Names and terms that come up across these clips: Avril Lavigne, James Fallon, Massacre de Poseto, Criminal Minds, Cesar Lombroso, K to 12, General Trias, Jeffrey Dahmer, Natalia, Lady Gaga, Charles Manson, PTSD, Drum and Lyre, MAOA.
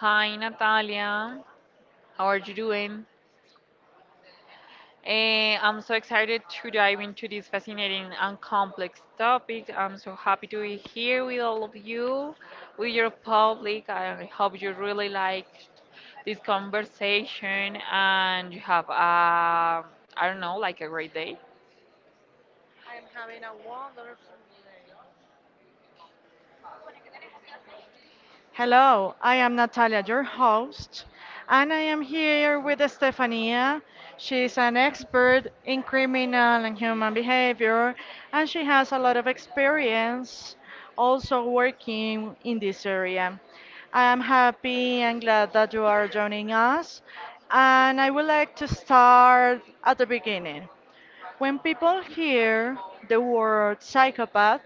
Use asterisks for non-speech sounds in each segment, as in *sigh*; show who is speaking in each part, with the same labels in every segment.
Speaker 1: Hi, Natalia. How are you doing? I'm so excited to dive into this fascinating and complex topic. I'm so happy to be here with all of you, with your public. I hope you really liked this conversation and you have, I don't know, like a great day.
Speaker 2: Hello, I am Natalia, your host, and I am here with Stefania. She's an expert in criminal and human behavior, and she has a lot of experience also working in this area. I am happy and glad that you are joining us, and I would like to start at the beginning. When people hear the word psychopath,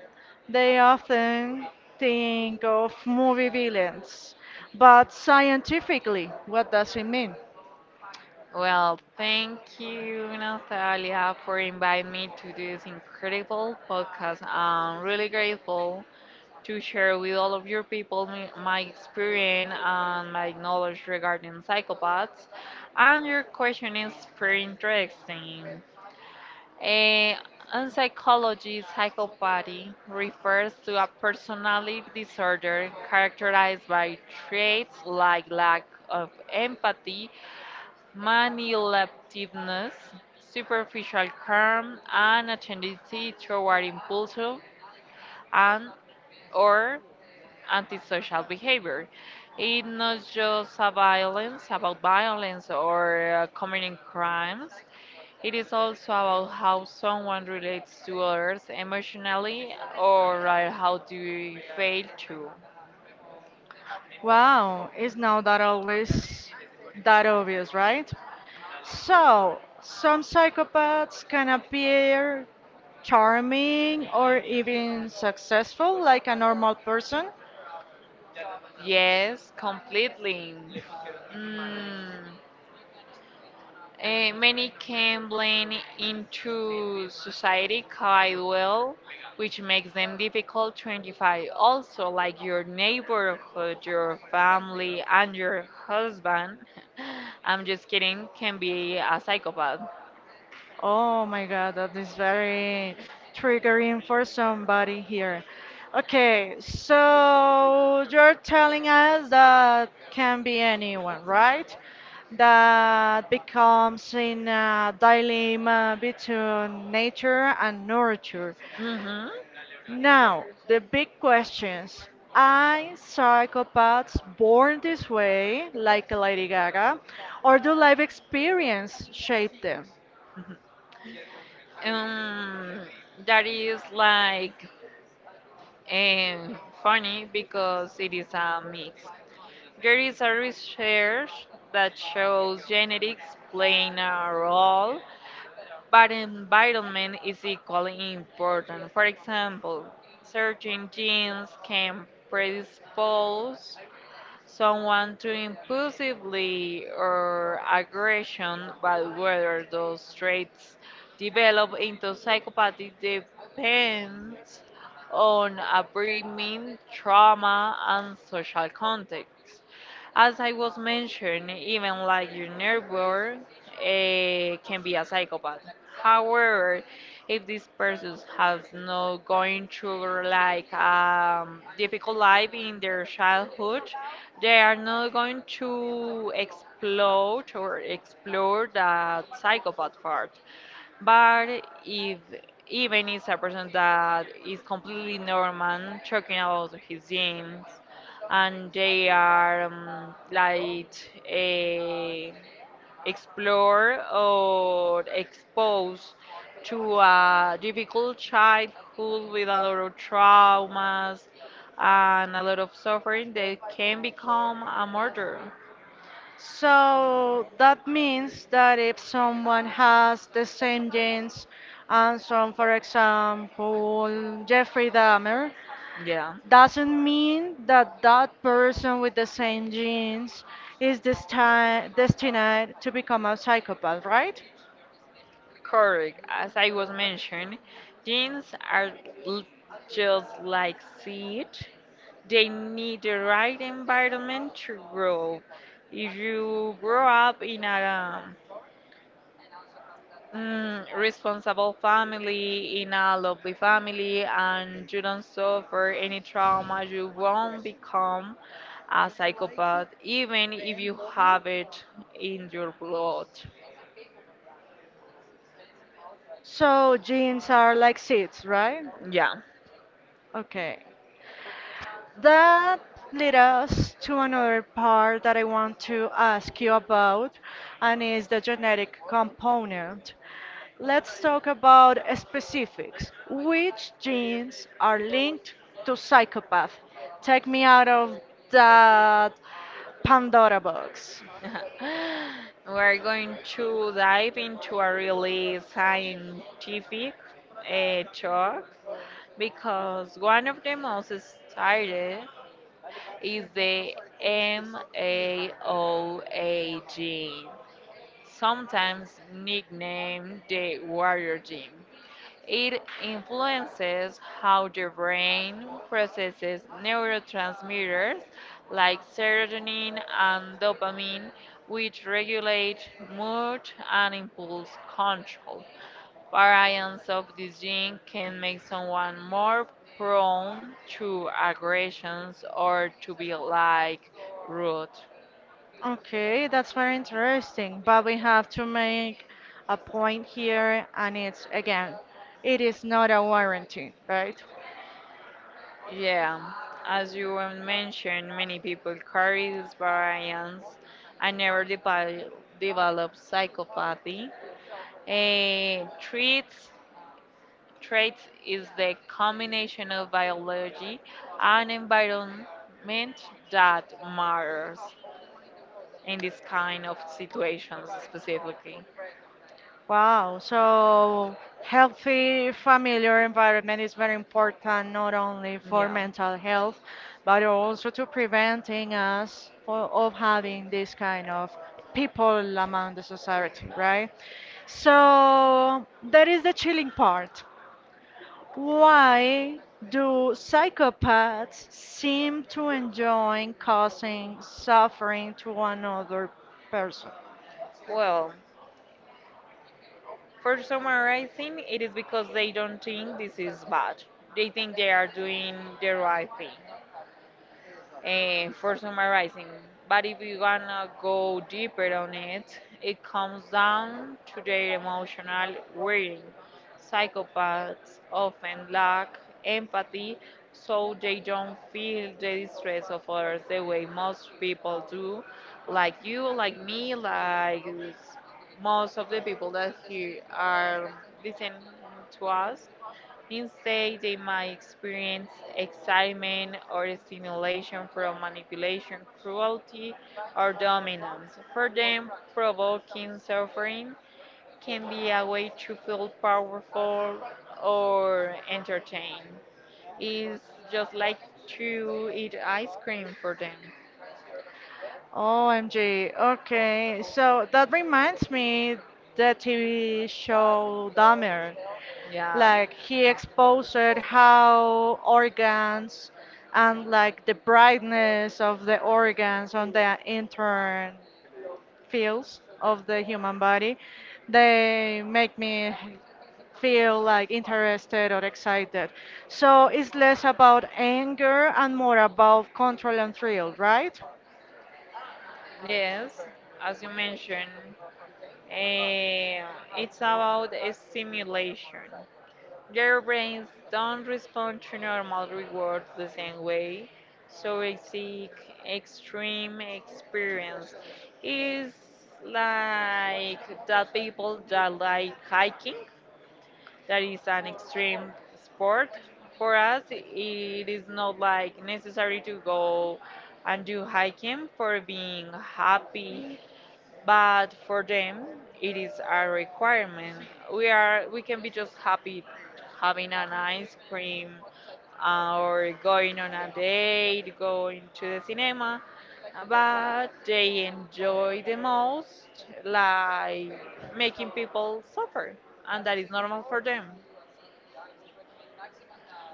Speaker 2: they often think of movie villains. But scientifically, what does it mean?
Speaker 1: Well, thank you, Natalia, for inviting me to this incredible podcast. I'm really grateful to share with all of your people my experience and my knowledge regarding psychopaths. And your question is pretty interesting. Eh, in psychology, psychopathy refers to a personality disorder characterized by traits like lack of empathy, manipulativeness, superficial charm, and a tendency toward impulsive and or antisocial behavior. It's not just a violence about violence or committing crimes. It is also about how someone relates to others emotionally or how they fail to.
Speaker 2: Wow, it's not that always that obvious, right? So, some psychopaths can appear charming or even successful like a normal person.
Speaker 1: Yes, completely. Mm. Many can blend into society quite well, which makes them difficult to identify. Also, like your neighborhood, your family, and your husband, *laughs* I'm just kidding, can be a psychopath.
Speaker 2: Oh my God, that is very triggering for somebody here. Okay, so you're telling us that can be anyone, right? That becomes in a dilemma between nature and nurture.
Speaker 1: Hmm.
Speaker 2: Now, the big questions. Are psychopaths born this way, like Lady Gaga, or do life experience shape them?
Speaker 1: *laughs* Um, that is like funny because it is a mix. There is a research that shows genetics playing a role but environment is equally important. For example, certain genes can predispose someone to impulsivity or aggression, but whether those traits develop into psychopathy depends on upbringing, trauma, and social context. As I was mentioned, even like your neighbor can be a psychopath. However, if this person has not going through like difficult life in their childhood, they are not going to explode or explore that psychopath part. But if even is a person that is completely normal, talking about his genes, and they are like a explore or exposed to a difficult childhood with a lot of traumas and a lot of suffering, they can become a murderer.
Speaker 2: So that means that if someone has the same genes and some, for example, Jeffrey Dahmer,
Speaker 1: Yeah.
Speaker 2: doesn't mean that that person with the same genes is destined to become a psychopath, right?
Speaker 1: Correct. As I was mentioned, jeans are l- just like seed. They need the right environment to grow. If you grow up in a responsible family, in a lovely family, and you don't suffer any trauma, you won't become a psychopath, even if you have it in your blood.
Speaker 2: So genes are like seeds, right?
Speaker 1: Yeah.
Speaker 2: Okay. That led us to another part that I want to ask you about, and is the genetic component. Let's talk about specifics. Which genes are linked to psychopath? Take me out of that Pandora box.
Speaker 1: *laughs* We're going to dive into a really scientific talk because one of the most studied is the MAOA gene, sometimes nicknamed the warrior gene. It influences how the brain processes neurotransmitters like serotonin and dopamine, which regulate mood and impulse control. Variants of this gene can make someone more prone to aggressions or to be like rude.
Speaker 2: Okay, that's very interesting, but we have to make a point here, and it's again, it is not a warranty, right?
Speaker 1: Yeah, as you well mentioned, many people carry these variants and never develop psychopathy. A traits is the combination of biology and environment that matters in this kind of situations specifically.
Speaker 2: Wow, so healthy familiar environment is very important not only for
Speaker 1: Yeah.
Speaker 2: mental health, but also to preventing us for, of having this kind of people among the society, right? So that is the chilling part. Why do psychopaths seem to enjoy causing suffering to another person?
Speaker 1: Well, for summarizing, it is because they don't think this is bad. They think they are doing the right thing. For summarizing. But if you wanna go deeper on it, it comes down to their emotional wiring. Psychopaths often lack empathy, so they don't feel the distress of others the way most people do, like you, like me, most of the people that here are listening to us. You say they might experience excitement or stimulation from manipulation, cruelty, or dominance. For them, provoking suffering can be a way to feel powerful or entertained. It's just like to eat ice cream for them.
Speaker 2: OMG. Okay. So that reminds me the TV show Dahmer.
Speaker 1: Yeah.
Speaker 2: Like he exposed how organs and like the brightness of the organs on the intern fields of the human body, they make me feel like interested or excited. So it's less about anger and more about control and thrill, right?
Speaker 1: Yes, as you mentioned, eh, it's about a stimulation. Their brains don't respond to normal rewards the same way, so they seek extreme experience. It's like that people that like hiking, that is an extreme sport. For us, it is not like necessary to go and do hiking for being happy but for them it is a requirement. We can be just happy having an ice cream or going on a date, going to the cinema, but they enjoy the most like making people suffer, and that is normal for them.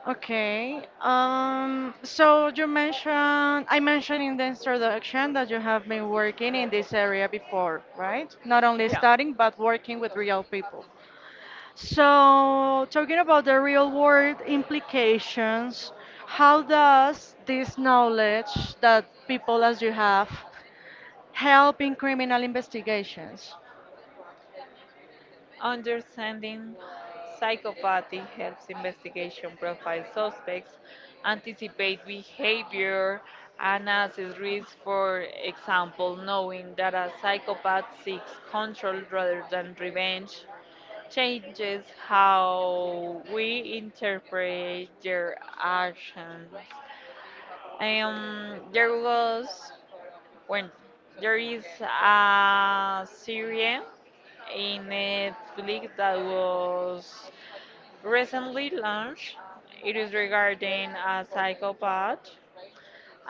Speaker 2: Okay. So you mentioned, I mentioned in the introduction that you have been working in this area before, right? Not only
Speaker 1: Yeah.
Speaker 2: studying, but working with real people. So, talking about the real world implications, how does this knowledge that people as you have help in criminal investigations?
Speaker 1: Understanding psychopathy helps investigation profile suspects, anticipate behavior, and assess risk. For example, knowing that a psychopath seeks control rather than revenge changes how we interpret their actions. There was when there is a series a Netflix that was recently launched. It is regarding a psychopath,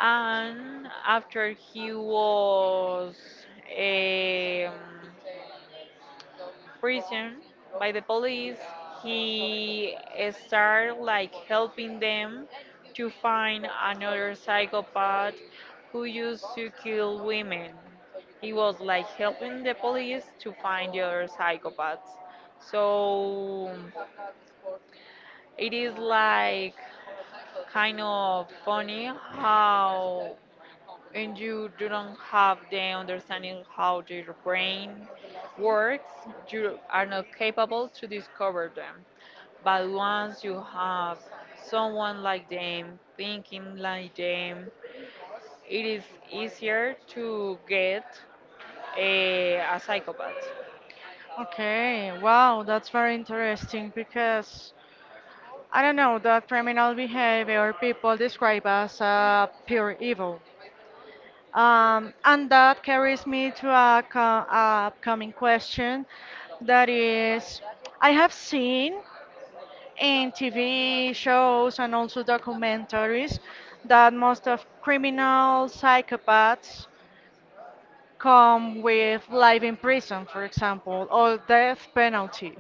Speaker 1: and after he was um, prison by the police, he started like helping them to find another psychopath who used to kill women. He was like helping the police to find the other psychopaths. So it is like kind of funny how and you do not have the understanding how their brain works, you are not capable to discover them. But once you have someone like them thinking like them, it is easier to get a psychopath.
Speaker 2: Okay, wow, that's very interesting because I don't know that criminal behavior people describe as pure evil. And that carries me to a upcoming question that is I have seen in TV shows and also documentaries that most of criminal psychopaths come with life in prison, for example, or death penalty.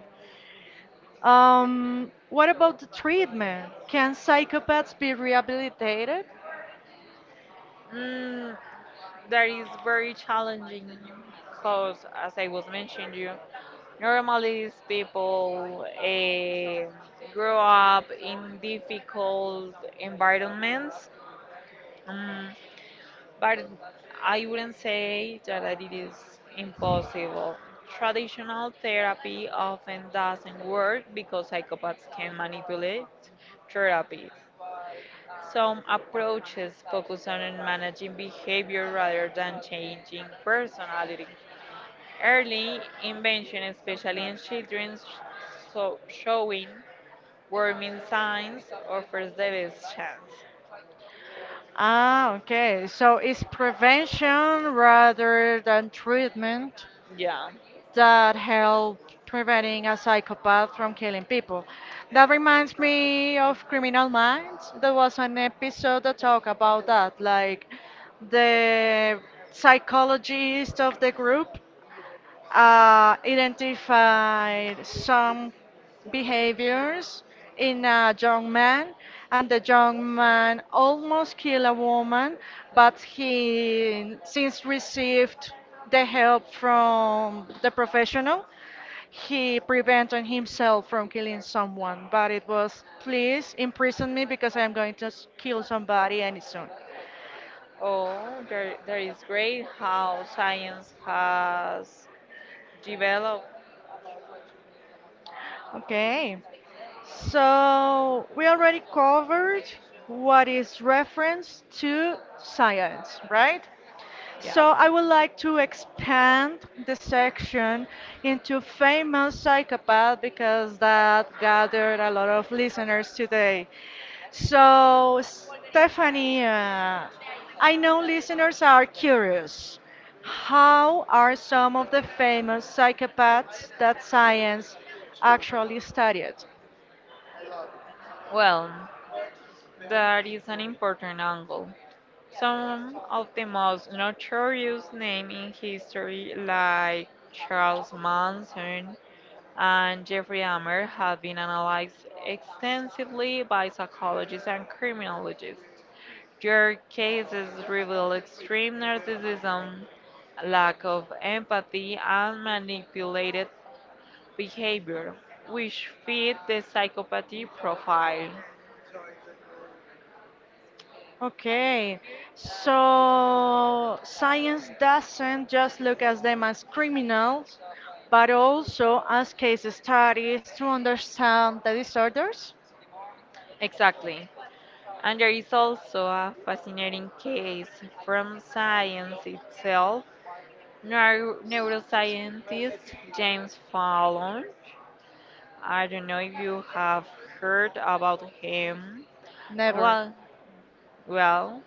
Speaker 2: What about the treatment? Can psychopaths be rehabilitated?
Speaker 1: Mm, that is very challenging because, as I was mentioning you, normally, these people grow up in difficult environments, um, but I wouldn't say that it is impossible. Traditional therapy often doesn't work because psychopaths can manipulate therapies. Some approaches focus on managing behavior rather than changing personality. Early invention, especially in children, so showing warming signs offers the best chance.
Speaker 2: Ah, okay. So it's prevention rather than treatment
Speaker 1: Yeah.
Speaker 2: that help preventing a psychopath from killing people. That reminds me of Criminal Minds. There was an episode that talked about that, like the psychologist of the group identified some behaviors in a young man, and the young man almost killed a woman, but he since received the help from the professional. He prevented himself from killing someone, but it was please imprison me because I am going to kill somebody any soon.
Speaker 1: Oh, there is great how science has developed.
Speaker 2: Okay. So we already covered what is reference to science, right?
Speaker 1: Yeah.
Speaker 2: So I would like to expand the section into famous psychopath because that gathered a lot of listeners today. So Stephanie, I know listeners are curious. How are some of the famous psychopaths that science actually studied?
Speaker 1: Well, that is an important angle. Some of the most notorious names in history, like Charles Manson and Jeffrey Dahmer, have been analyzed extensively by psychologists and criminologists. Their cases reveal extreme narcissism, lack of empathy, and manipulated behavior, which fit the psychopathy profile.
Speaker 2: Okay, so science doesn't just look at them as criminals, but also as case studies to understand the disorders?
Speaker 1: Exactly. And there is also a fascinating case from science itself. Neuroscientist James Fallon, I don't know if you have heard about him.
Speaker 2: Never.
Speaker 1: Well, well,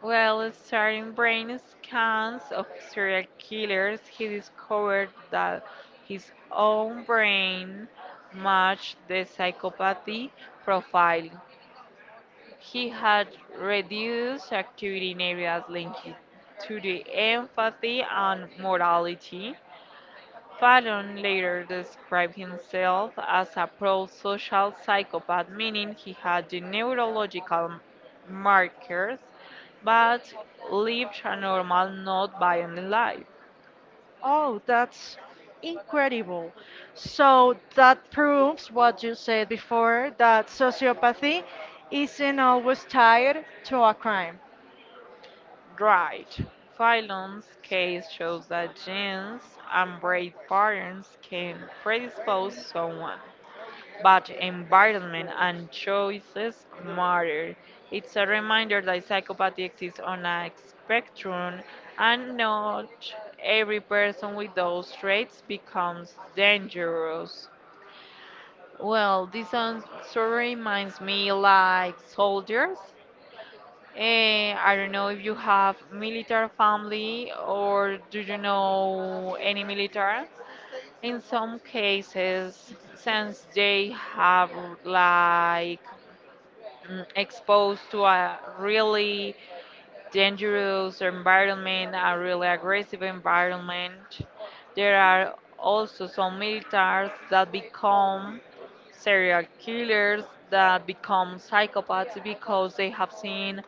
Speaker 1: well, starting brain scans of serial killers, he discovered that his own brain matched the psychopathy profile. He had reduced activity in areas linked to the empathy and morality. Fallon later described himself as a pro-social psychopath, meaning he had the neurological markers but lived a normal, not violent life.
Speaker 2: Oh, that's incredible. So that proves what you said before, that sociopathy isn't always tied to a crime.
Speaker 1: Right. Fallon's case shows that genes and brain patterns can predispose someone but environment and choices matter. It's a reminder that psychopathy exists on a spectrum and not every person with those traits becomes dangerous. Well, this song sort of reminds me like soldiers. I don't know if you have military family or do you know any military? In some cases, since they have like exposed to a really dangerous environment, a really aggressive environment, there are also some militaries that become serial killers, that become psychopaths because they have seen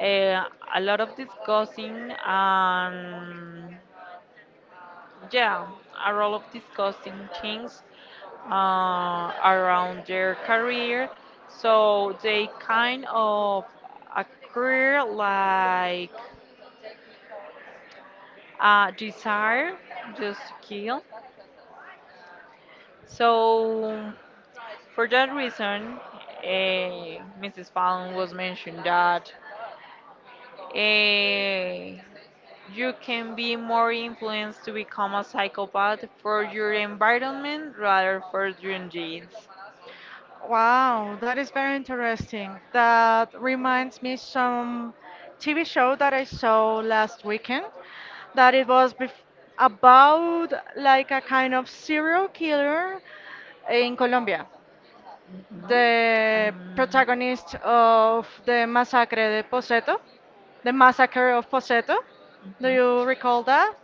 Speaker 1: uh, a lot of disgusting and yeah, a lot of disgusting things around their career. So they kind of acquire like a desire just to kill. So for that reason, Mrs. Fallon was mentioned that eh, you can be more influenced to become a psychopath for your environment rather for your genes.
Speaker 2: Wow, that is very interesting. That reminds me some TV show that I saw last weekend that it was bef about like a kind of serial killer in Colombia.
Speaker 1: Ujú.
Speaker 2: The
Speaker 1: Am,
Speaker 2: protagonist of the Massacre de Poseto, the Massacre of Poseto. Do
Speaker 1: Ujú.
Speaker 2: you recall that?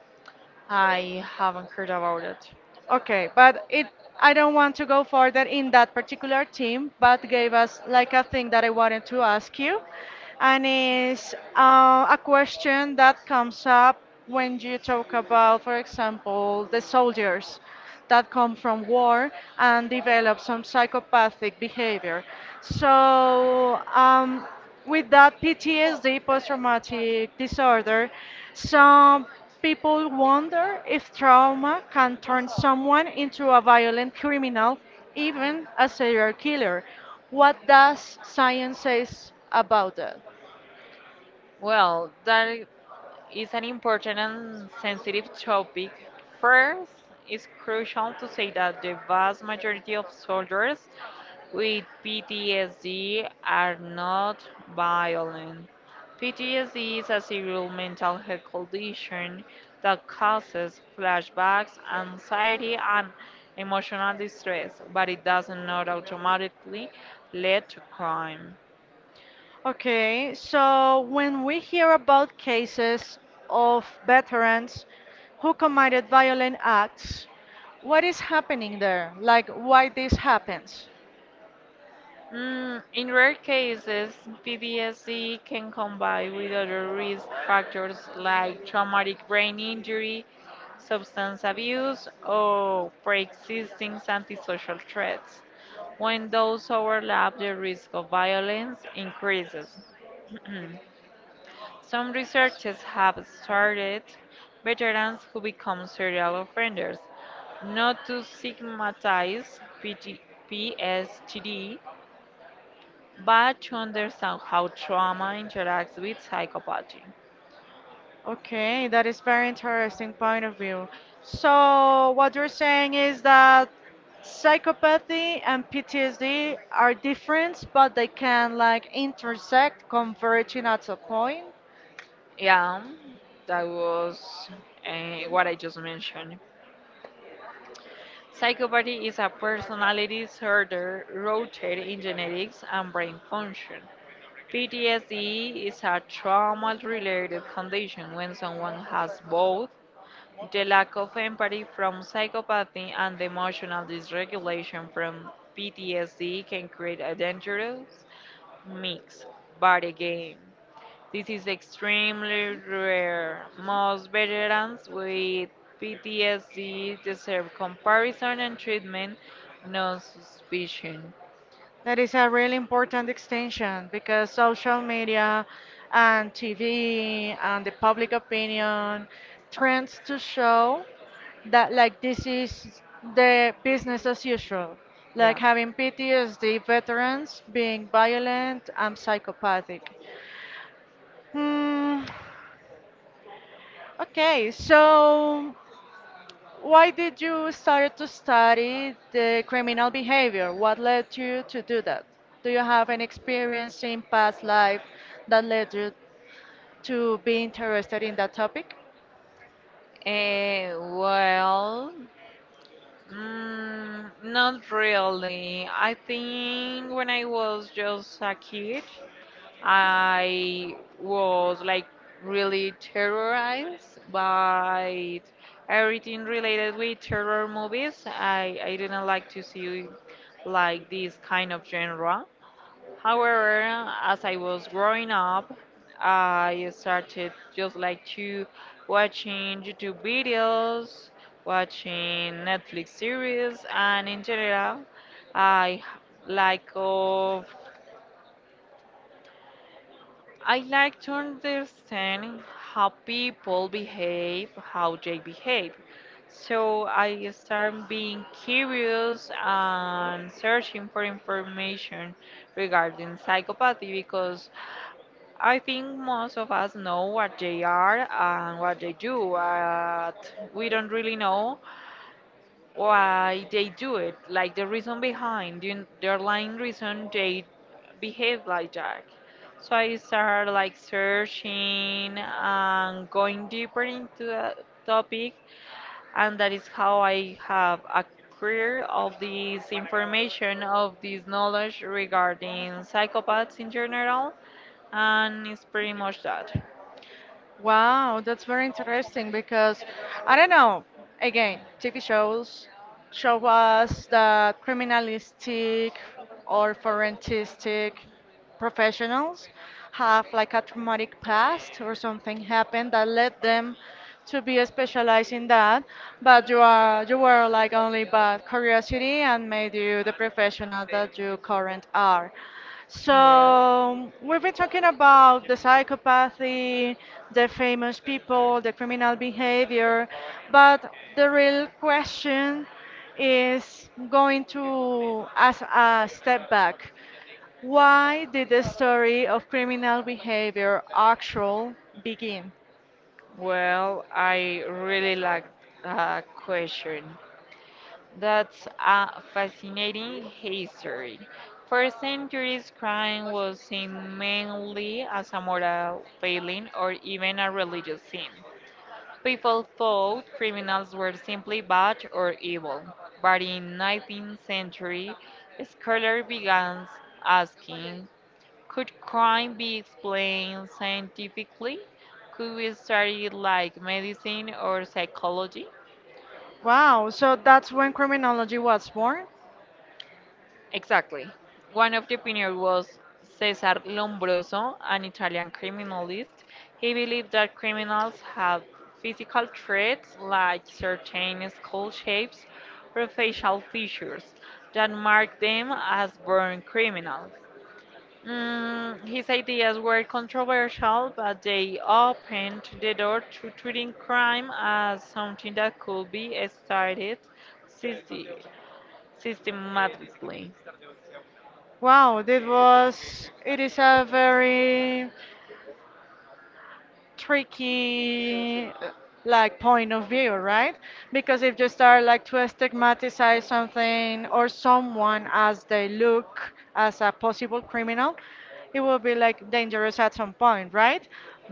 Speaker 1: I haven't heard about it.
Speaker 2: Okay, but it I don't want to go further in that particular team, but gave us like a thing that I wanted to ask you, and is a question that comes up when you talk about, for example, the soldiers that come from war and develop some psychopathic behavior. So um, with that PTSD, post-traumatic disorder, some people wonder if trauma can turn someone into a violent criminal, even a serial killer. What does science says about that?
Speaker 1: Well, that is an important and sensitive topic. First, it's crucial to say that the vast majority of soldiers with PTSD are not violent. PTSD is a serious mental health condition that causes flashbacks, anxiety, and emotional distress, but it does not automatically lead to crime.
Speaker 2: Okay, so when we hear about cases of veterans who committed violent acts, what is happening there? Like, why this happens?
Speaker 1: In rare cases, PTSD can combine with other risk factors like traumatic brain injury, substance abuse, or pre-existing antisocial threats. When those overlap, the risk of violence increases. Some researchers have started veterans who become serial offenders not to stigmatize PT PTSD but to understand how trauma interacts with psychopathy.
Speaker 2: Okay, that is very interesting point of view. So what you're saying is that psychopathy and PTSD are different, but they can like intersect, converging at a point.
Speaker 1: Yeah, that was what I just mentioned. Psychopathy is a personality disorder rooted in genetics and brain function. PTSD is a trauma related condition when someone has both the lack of empathy from psychopathy and the emotional dysregulation from PTSD can create a dangerous mix. But again, this is extremely rare. Most veterans with PTSD deserve comparison and treatment, no suspicion.
Speaker 2: That is a really important extension because social media and TV and the public opinion trends to show that like this is the business as usual,
Speaker 1: Yeah.
Speaker 2: like having PTSD veterans being violent and psychopathic. Hmm. Okay, so why did you start to study the criminal behavior? What led you to do that? Do you have any experience in past life that led you to be interested in that topic?
Speaker 1: Well, not really. I think when I was just a kid, I was like really terrorized by everything related with terror movies. I didn't like to see like this kind of genre. However, as I was growing up, I started just like to watching YouTube videos, watching Netflix series, and in general, I h- like of I like to understand how people behave, how they behave. So I start being curious and searching for information regarding psychopathy because I think most of us know what they are and what they do, but we don't really know why they do it, like the reason behind, the underlying reason they behave like that. So I started like searching and going deeper into the topic, and that is how I have a acquired of this information, of this knowledge regarding psychopaths in general, and it's pretty much that.
Speaker 2: Wow, that's very interesting because I don't know. Again, TV shows show us that criminalistic or forensic professionals have like a traumatic past or something happened that led them to be specialized in that, but you were like only but curiosity and made you the professional that you current are.
Speaker 1: Yes.
Speaker 2: So we've been talking about the psychopathy, the famous people, the criminal behavior, but the real question is going to as a step back. Why did the story of criminal behavior actual begin?
Speaker 1: Well, I really like that question. That's a fascinating history. For centuries, crime was seen mainly as a moral failing or even a religious sin. People thought criminals were simply bad or evil. But in 19th century, scholars began asking, could crime be explained scientifically? Could we study it like medicine or psychology?
Speaker 2: Wow, so that's when criminology was born?
Speaker 1: Exactly. One of the pioneers was Cesar Lombroso, an Italian criminalist. He believed that criminals have physical traits like certain skull shapes or facial features that mark them as born criminals. His ideas were controversial, but they opened the door to treating crime as something that could be studied syste- systematically.
Speaker 2: Wow, it is a very tricky like point of view, right? Because if you start like to stigmatize something or someone as they look as a possible criminal, it will be like dangerous at some point, right?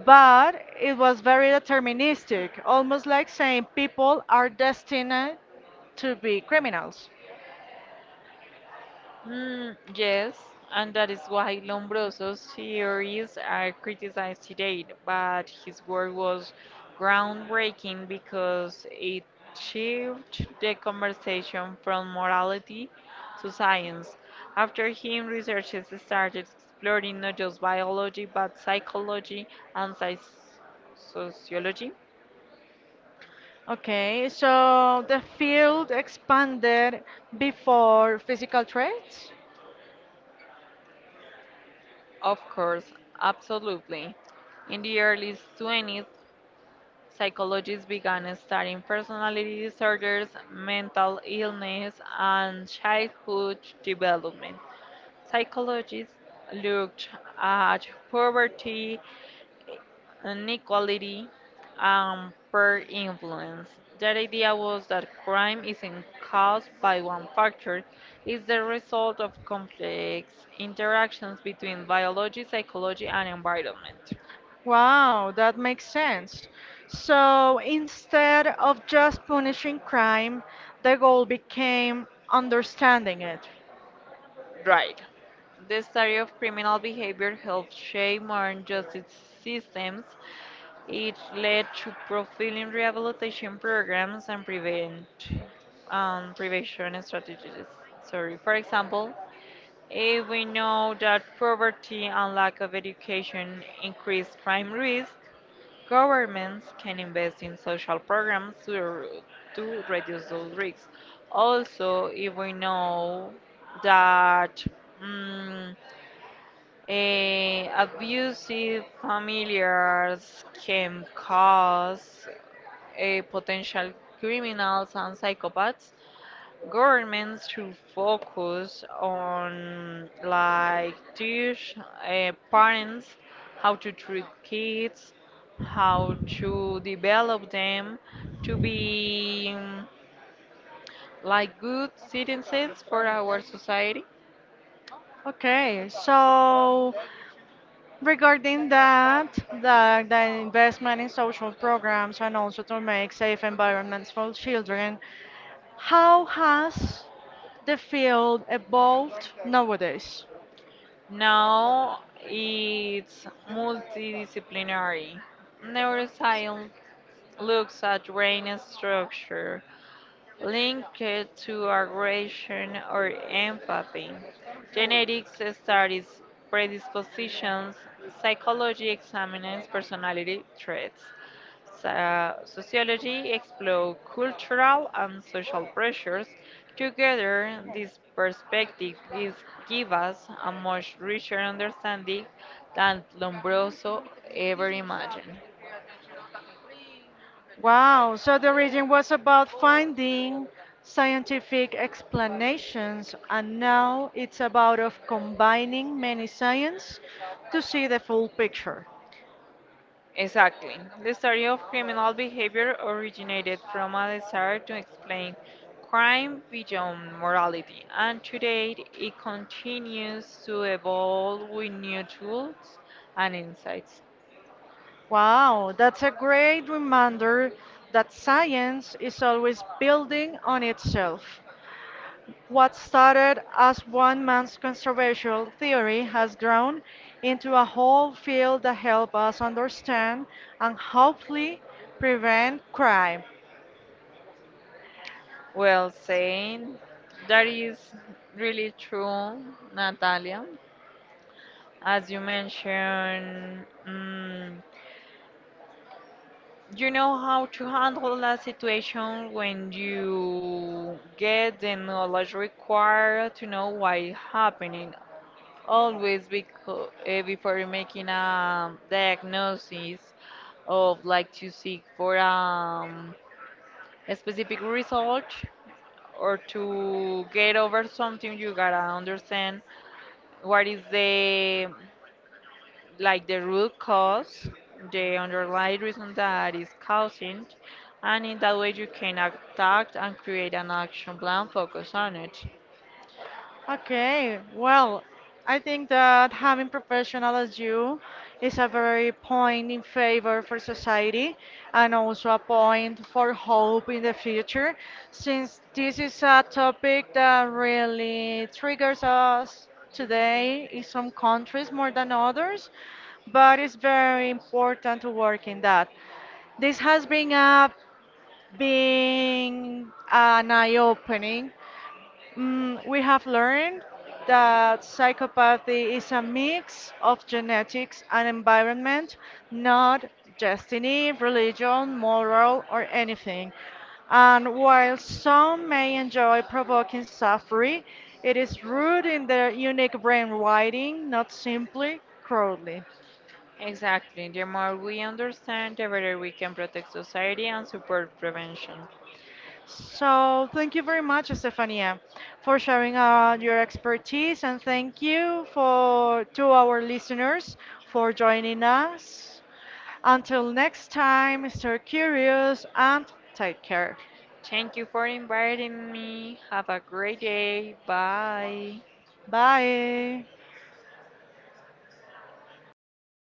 Speaker 2: But it was very deterministic, almost like saying people are destined to be criminals.
Speaker 1: Yes, and that is why Lombroso's theories are criticized today, but his work was groundbreaking because it shifted the conversation from morality to science. After him, researchers started exploring not just biology but psychology and psych sociology.
Speaker 2: Okay, so the field expanded before physical traits?
Speaker 1: Of course, absolutely. In the early 20th. Psychologists began studying personality disorders, mental illness, and childhood development. Psychologists looked at poverty, inequality, and peer influence. Their idea was that crime isn't caused by one factor, it's the result of complex interactions between biology, psychology, and environment.
Speaker 2: Wow, that makes sense. So instead of just punishing crime, the goal became understanding it.
Speaker 1: Right. The study of criminal behavior helped shape modern justice systems. It led to profiling rehabilitation programs and prevention strategies. Sorry. For example, we know that poverty and lack of education increase crime risk. Governments can invest in social programs to reduce those risks. Also, if we know that mm, abusive familiars can cause potential criminals and psychopaths, governments should focus on like teach parents how to treat kids, how to develop them to be like good citizens for our society.
Speaker 2: Okay, so regarding that, the investment in social programs and also to make safe environments for children, how has the field evolved nowadays?
Speaker 1: Now it's multidisciplinary. Neuroscience looks at brain structure, linked to aggression or empathy, genetics studies predispositions, psychology examines personality traits, sociology explores cultural and social pressures. Together, this perspective gives give us a much richer understanding than Lombroso ever imagined.
Speaker 2: Wow, so the region was about finding scientific explanations, and now it's about of combining many science to see the full picture.
Speaker 1: Exactly. The story of criminal behavior originated from a desire to explain crime beyond morality, and today it continues to evolve with new tools and insights.
Speaker 2: Wow, that's a great reminder that science is always building on itself. What started as one man's conservation theory has grown into a whole field that helps us understand and hopefully prevent crime.
Speaker 1: Well said. That is really true, Natalia. As you mentioned, you know how to handle a situation when you get the knowledge required to know why happening always because, before making a diagnosis of like to seek for a specific result or to get over something you gotta understand what is the like the root cause, the underlying reason that is causing, and in that way you can attack and create an action plan focused on it.
Speaker 2: Okay, well, I think that having professional as you is a very point in favor for society and also a point for hope in the future, since this is a topic that really triggers us today in some countries more than others, but it's very important to work in that. This has been a being an eye-opening. Mm, we have learned that psychopathy is a mix of genetics and environment, not destiny, religion, moral, or anything. And while some may enjoy provoking suffering, it is rooted in their unique brain wiring, not simply crudely.
Speaker 1: Exactly. The more we understand, the better we can protect society and support prevention.
Speaker 2: So, thank you very much, Estefania, for sharing your expertise, and thank you for to our listeners for joining us. Until next time, stay curious and take care.
Speaker 1: Thank you for inviting me. Have a great day. Bye.
Speaker 2: Bye.